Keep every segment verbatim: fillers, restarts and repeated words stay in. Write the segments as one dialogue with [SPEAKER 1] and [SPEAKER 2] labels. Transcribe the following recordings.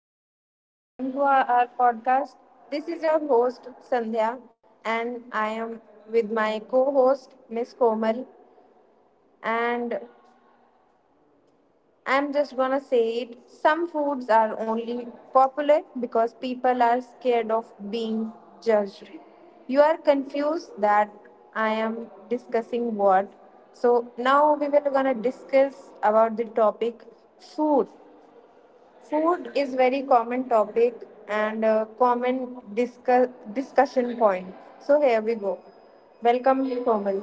[SPEAKER 1] everyone. Welcome to our, our podcast. This is your host, Sandhya, and I am with my co host, Miss Komal. And I'm just gonna say it some foods are only popular because people are scared of being judged. You are confused that I am discussing what. So now we were gonna discuss about the topic food. Food is very common topic and a common discuss, discussion point. So here we go. Welcome, Komal.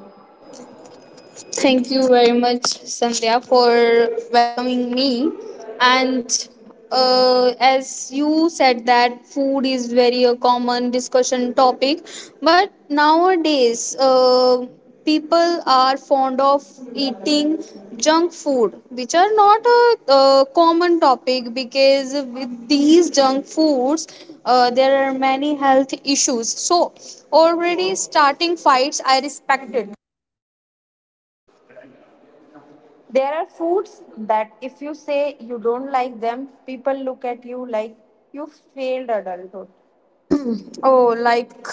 [SPEAKER 2] Thank you very much, Sandhya, for welcoming me. And uh, as you said that food is very a common discussion topic, but nowadays uh, people are fond of eating junk food, which are not a, uh common topic because with these junk foods, uh, there are many health issues. So already starting fights, I respected.
[SPEAKER 1] There are foods that if you say you don't like them, people look at you like you failed adulthood.
[SPEAKER 2] Oh, like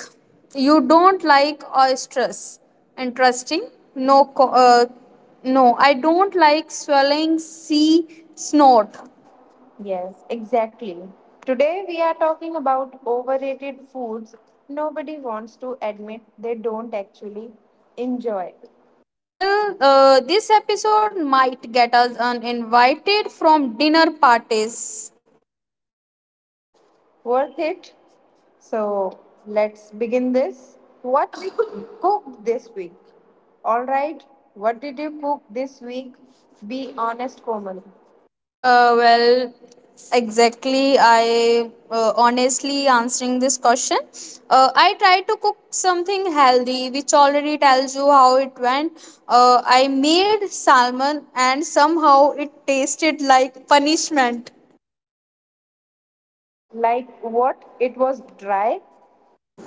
[SPEAKER 2] you don't like oysters. Interesting. No, co- uh, no, I don't like swelling sea snort.
[SPEAKER 1] Yes, exactly. Today we are talking about overrated foods nobody wants to admit they don't actually enjoy.
[SPEAKER 2] Well, uh, this episode might get us uninvited from dinner parties.
[SPEAKER 1] Worth it. So let's begin this. What did you cook this week? All right. What did you cook this week? Be honest, Komal.
[SPEAKER 2] Uh, well, exactly. I uh, honestly answering this question. Uh, I tried to cook something healthy, which already tells you how it went. Uh, I made salmon, and somehow it tasted like punishment.
[SPEAKER 1] Like what? It was dry?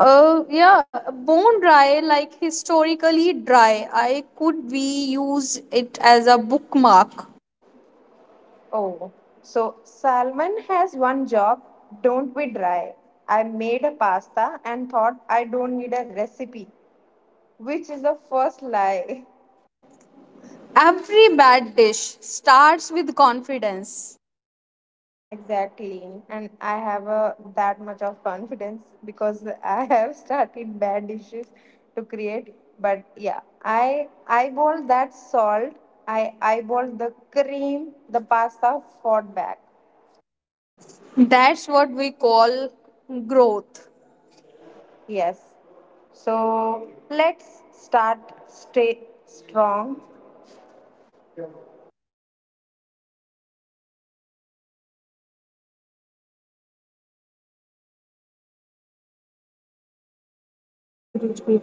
[SPEAKER 2] Uh, yeah, bone dry, like historically dry. I could be use it as a bookmark.
[SPEAKER 1] Oh. So Salman has one job. Don't be dry. I made a pasta and thought I don't need a recipe, which is the first lie.
[SPEAKER 2] Every bad dish starts with confidence.
[SPEAKER 1] Exactly. And I have a, that much of confidence because I have started bad dishes to create. But yeah, I eyeballed that salt. I eyeballed the cream. The pasta fought back.
[SPEAKER 2] That's what we call growth.
[SPEAKER 1] Yes. So let's start stay strong.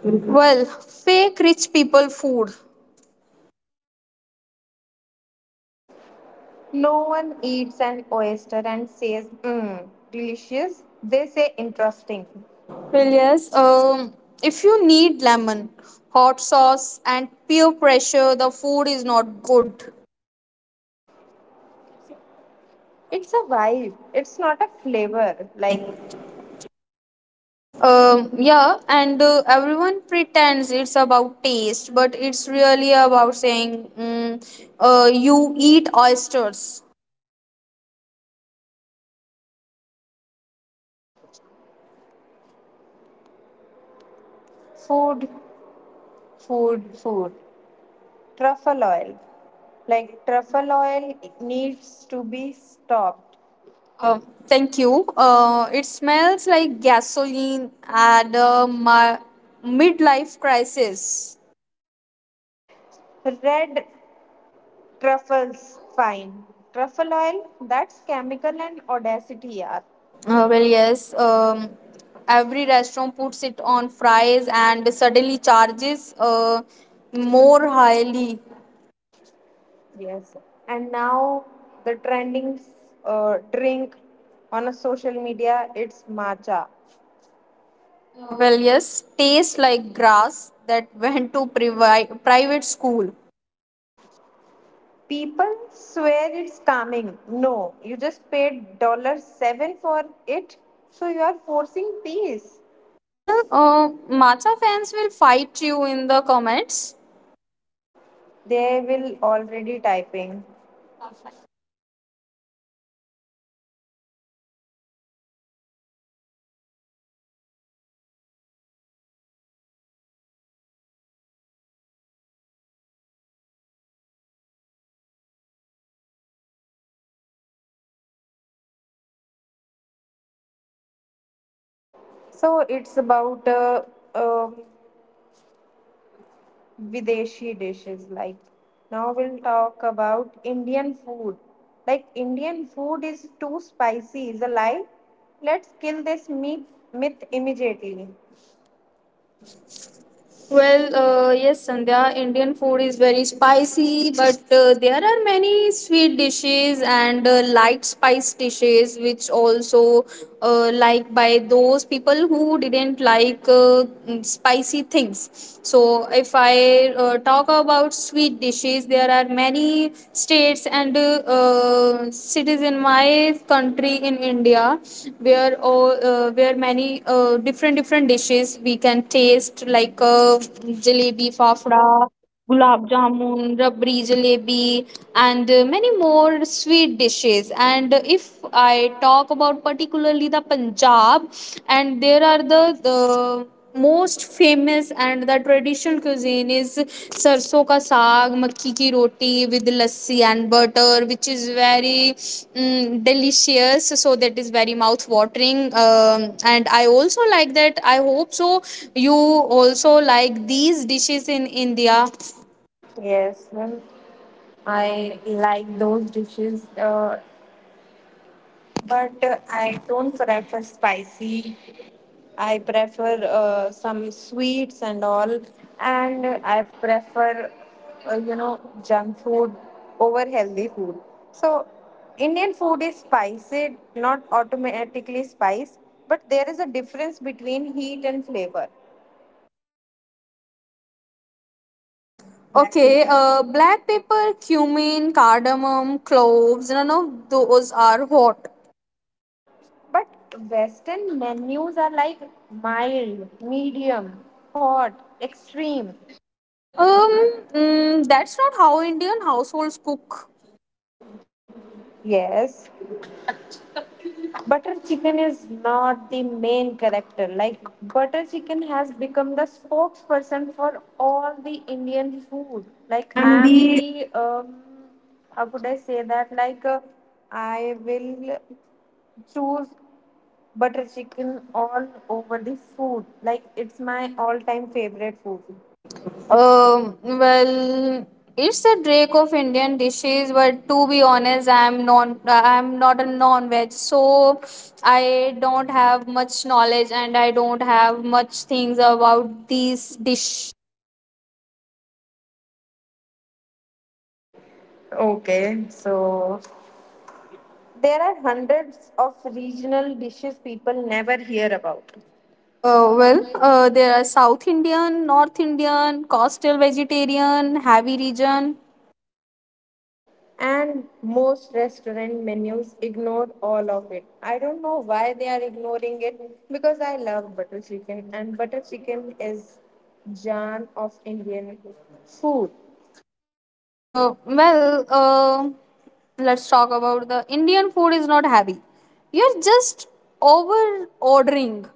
[SPEAKER 2] Well, fake rich people food.
[SPEAKER 1] No one eats an oyster and says, mmm, delicious. They say interesting.
[SPEAKER 2] Well, yes. Um, if you need lemon, hot sauce, and peer pressure, the food is not good.
[SPEAKER 1] It's a vibe. It's not a flavor.
[SPEAKER 2] Right.
[SPEAKER 1] Like
[SPEAKER 2] Um, yeah, and uh, everyone pretends it's about taste, but it's really about saying, mm, uh, you eat oysters.
[SPEAKER 1] Food, food, food. Truffle oil. Like truffle oil needs to be stopped.
[SPEAKER 2] Uh, Thank you. Uh, it smells like gasoline and a mi- midlife crisis.
[SPEAKER 1] Red truffles, fine. Truffle oil, that's chemical and audacity, yeah.
[SPEAKER 2] Uh, well, yes. Um, every restaurant puts it on fries and suddenly charges uh, more highly.
[SPEAKER 1] Yes. And now the trending uh, drink on a social media, it's matcha.
[SPEAKER 2] Uh, well, yes. Tastes like grass that went to privi- private school.
[SPEAKER 1] People swear it's calming. No, you just paid dollar seven dollars for it, so you are forcing peace.
[SPEAKER 2] Well, uh, matcha fans will fight you in the comments.
[SPEAKER 1] They will already typing. So it's about uh, um, Videshi dishes. Like now we'll talk about Indian food. Like Indian food is too spicy, is a lie. Let's kill this myth, myth immediately.
[SPEAKER 2] Well, uh, yes, Sandhya, Indian food is very spicy, but uh, there are many sweet dishes and uh, light spice dishes, which also uh, like by those people who didn't like uh, mm, spicy things. So, if if I uh, talk about sweet dishes, there are many states and uh, uh, cities in my country in India where all uh, where many uh, different different dishes we can taste like uh, jalebi, fafda, gulab jamun, rabri jalebi, and uh, many more sweet dishes. And if I talk about particularly the Punjab, and there are the the most famous and the traditional cuisine is sarson ka saag makki ki roti with lassi and butter, which is very mm, delicious, so that is very mouth watering. Um, and I also like that. I hope so you also like these dishes in India.
[SPEAKER 1] Yes, well, I like those dishes. Uh, But uh, I don't prefer spicy. I prefer uh, some sweets and all. And I prefer, uh, you know, junk food over healthy food. So, Indian food is spicy, not automatically spice, but there is a difference between heat and flavor.
[SPEAKER 2] Okay. Uh, black pepper, cumin, cardamom, cloves, none of those are hot.
[SPEAKER 1] But Western menus are like mild, medium, hot, extreme.
[SPEAKER 2] um mm, that's not how Indian households cook.
[SPEAKER 1] Yes, butter chicken is not the main character. Like butter chicken has become the spokesperson for all the Indian food.
[SPEAKER 2] Like
[SPEAKER 1] Like I
[SPEAKER 2] I'm
[SPEAKER 1] am
[SPEAKER 2] the.
[SPEAKER 1] the um, how could I say that, like uh, I will choose butter chicken all over the food. Like it's my all time favorite food.
[SPEAKER 2] Um, well, it's a drake of Indian dishes, but to be honest, I'm non I'm not a non-veg, so I don't have much knowledge and I don't have much things about these dish.
[SPEAKER 1] Okay, so there are hundreds of regional dishes people never hear about,
[SPEAKER 2] Uh, well, uh, there are South Indian, North Indian, coastal vegetarian, heavy region.
[SPEAKER 1] and most restaurant menus ignored all of it. I don't know why they are ignoring it, because I love butter chicken and butter chicken is jam of Indian food.
[SPEAKER 2] Uh, well, uh, let's talk about the Indian food is not heavy. You're just over ordering.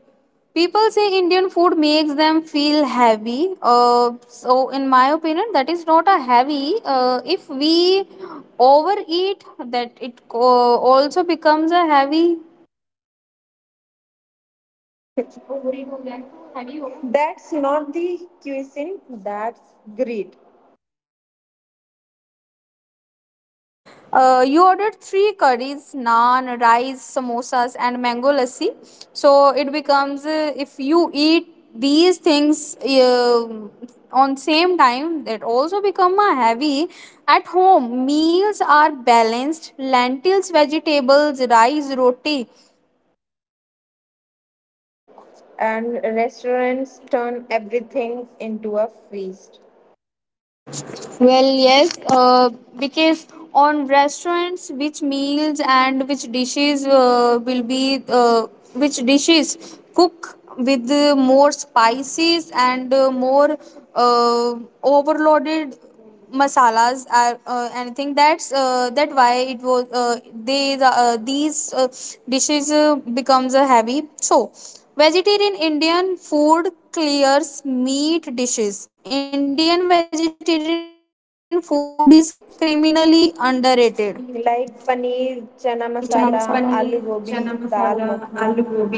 [SPEAKER 2] People say Indian food makes them feel heavy. Uh, so, in my opinion, that is not a heavy. Uh, if we overeat, that it uh, also becomes a heavy.
[SPEAKER 1] That's not the cuisine, that's greed.
[SPEAKER 2] Uh, you ordered three curries, naan, rice, samosas, and mango lassi. So it becomes uh, if you eat these things uh, on same time, that also become a heavy. At home, meals are balanced: lentils, vegetables, rice, roti.
[SPEAKER 1] And restaurants turn everything into a feast.
[SPEAKER 2] Well, yes, uh, because on restaurants, which meals and which dishes uh, will be, uh, which dishes cook with uh, more spices and uh, more uh, overloaded masalas are uh, anything that's uh, that why it was uh, they the, uh, these uh, dishes uh, becomes a heavy, so vegetarian Indian food clears meat dishes. Indian vegetarian food is criminally underrated.
[SPEAKER 1] Like paneer, chana masala, aloo gobi, dal makhni.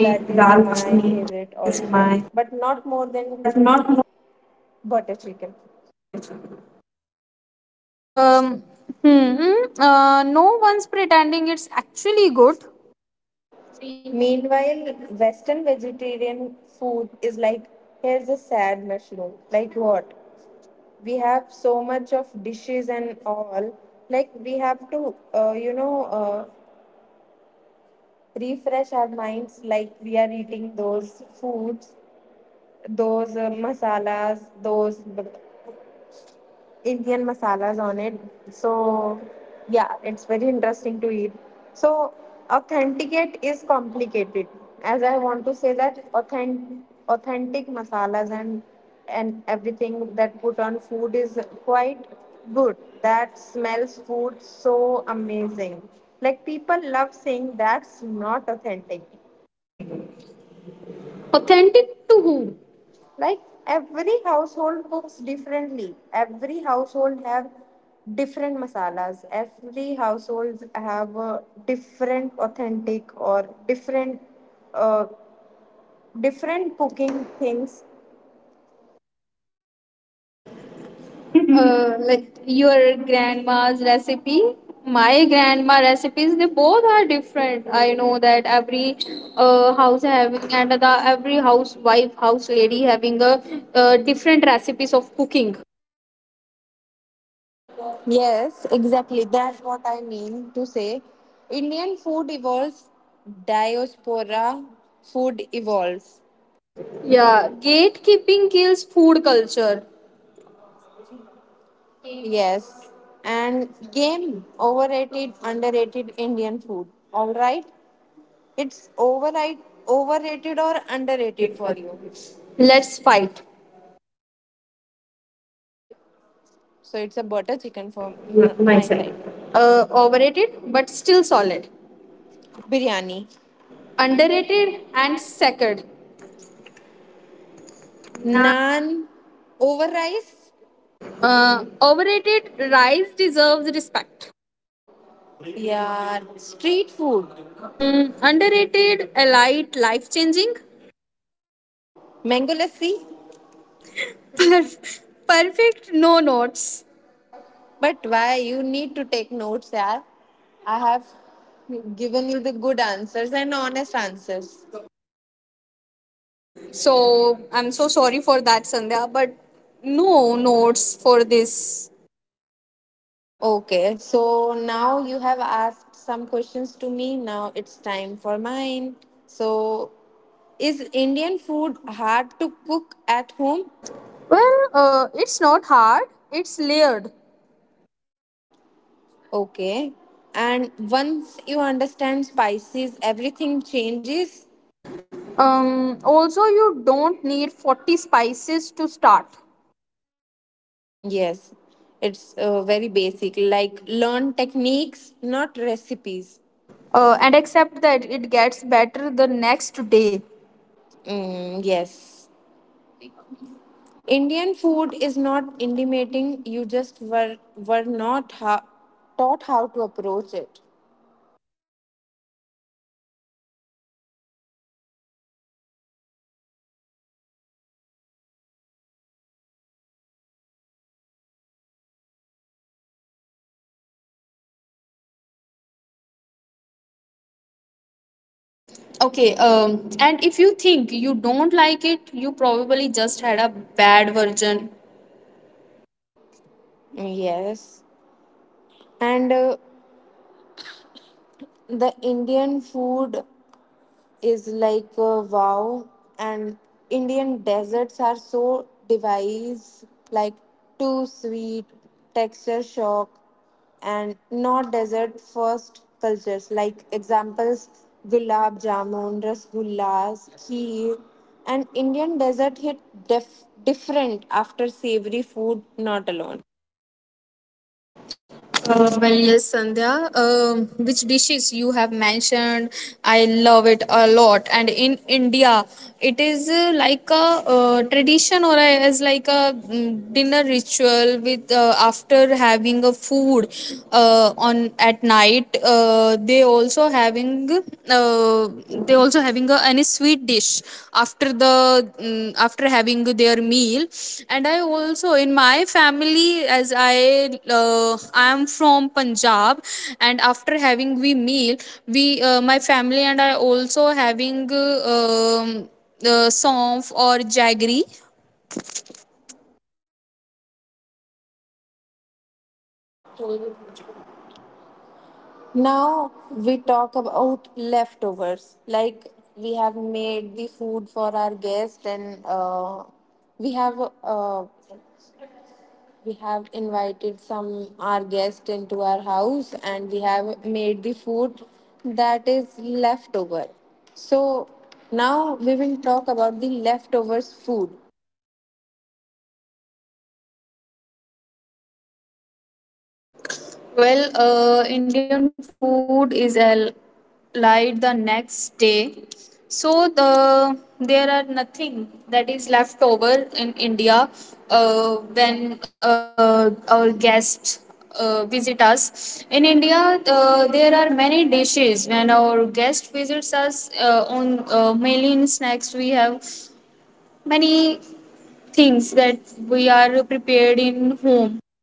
[SPEAKER 1] That is
[SPEAKER 2] That
[SPEAKER 1] my
[SPEAKER 2] is my,
[SPEAKER 1] favorite also, but not more
[SPEAKER 2] but
[SPEAKER 1] than
[SPEAKER 2] not
[SPEAKER 1] butter chicken.
[SPEAKER 2] good. Um, hmm, hmm, uh, no one's pretending it's actually good.
[SPEAKER 1] Meanwhile, Western vegetarian food is like here's a sad mushroom. Like what? We have so much of dishes and all. Like we have to, uh, you know, uh, refresh our minds. Like we are eating those foods, those uh, masalas, those b- Indian masalas on it. So, yeah, it's very interesting to eat. So, authenticate is complicated, as I want to say that authentic, authentic masalas and and everything that put on food is quite good. That smells food so amazing. Like people love saying that's not authentic.
[SPEAKER 2] Authentic. Authentic to who?
[SPEAKER 1] Like every household cooks differently. Every household have different masalas. Every households have a different authentic or different uh, different cooking things.
[SPEAKER 2] Uh, like your grandma's recipe, my grandma recipes, they both are different. I know that every uh, house having and the every housewife, house lady, having a uh, different recipes of cooking.
[SPEAKER 1] Yes, exactly, that's what I mean to say. Indian food evolves. Diaspora food evolves.
[SPEAKER 2] Yeah, gatekeeping kills food culture.
[SPEAKER 1] Yes. And game overrated underrated Indian food. All right. It's override, overrated or underrated for you.
[SPEAKER 2] Let's fight.
[SPEAKER 1] So it's a butter chicken for m-
[SPEAKER 2] My
[SPEAKER 1] my
[SPEAKER 2] side.
[SPEAKER 1] side.
[SPEAKER 2] Uh, overrated but still solid.
[SPEAKER 1] Biryani.
[SPEAKER 2] Underrated
[SPEAKER 1] Underrated
[SPEAKER 2] and
[SPEAKER 1] as
[SPEAKER 2] sacred.
[SPEAKER 1] naan over rice.
[SPEAKER 2] uh, Overrated, rice deserves respect.
[SPEAKER 1] Yeah, street food.
[SPEAKER 2] Mm, underrated, allied, life changing.
[SPEAKER 1] Mango lassi.
[SPEAKER 2] Perfect, no notes.
[SPEAKER 1] But why you need to take notes, yeah? I have given you the good answers and honest answers.
[SPEAKER 2] So I'm so sorry for that, Sandhya, but no notes for this.
[SPEAKER 1] Okay, so now you have asked some questions to me. Now it's time for mine. So is Indian food hard to cook at home?
[SPEAKER 2] Well, uh, it's not hard, it's layered.
[SPEAKER 1] Okay. And once you understand spices, everything changes.
[SPEAKER 2] Um, also, you don't need forty spices to start.
[SPEAKER 1] Mm, yes, it's uh, very basic. Like learn techniques, not recipes.
[SPEAKER 2] Uh, and accept that it gets better the next day.
[SPEAKER 1] Mm, yes. Indian food is not intimidating. You just were were not ha- taught how to approach it.
[SPEAKER 2] Okay, um, and if you think you don't like it, you probably just had a bad version.
[SPEAKER 1] Mm, yes. And uh, the Indian food is like uh, wow. And Indian deserts are so device, like too sweet, texture shock, and not desert first cultures, like examples, gulab jamun, rasgullas, kheer. And Indian desert hit def- different after savory food, not alone.
[SPEAKER 2] Uh, well, yes, Sandhya. Um, which dishes you have mentioned? I love it a lot. And in India, it is uh, like a uh, tradition or a, as like a mm, dinner ritual with uh, after having a food uh, on at night. Uh, they also having uh, uh, they also having a any sweet dish after the mm, after having their meal. And I also in my family, as I uh, I am from Punjab, and after having we meal, we uh, my family and I also having uh, um, uh, sonf or jaggery.
[SPEAKER 1] Now we talk about leftovers. Like we have made the food for our guest, and uh, we have uh, we have invited some our guest into our house, and we have made the food that is leftover. So now we will talk about the leftovers food.
[SPEAKER 2] Well, uh, Indian food is a light the next day, so the there are nothing that is left over in India uh, when uh, our guests uh, visit us. In India, uh, there are many dishes when our guest visits us. Uh, on uh, mainly in snacks, we have many things that we are prepared in home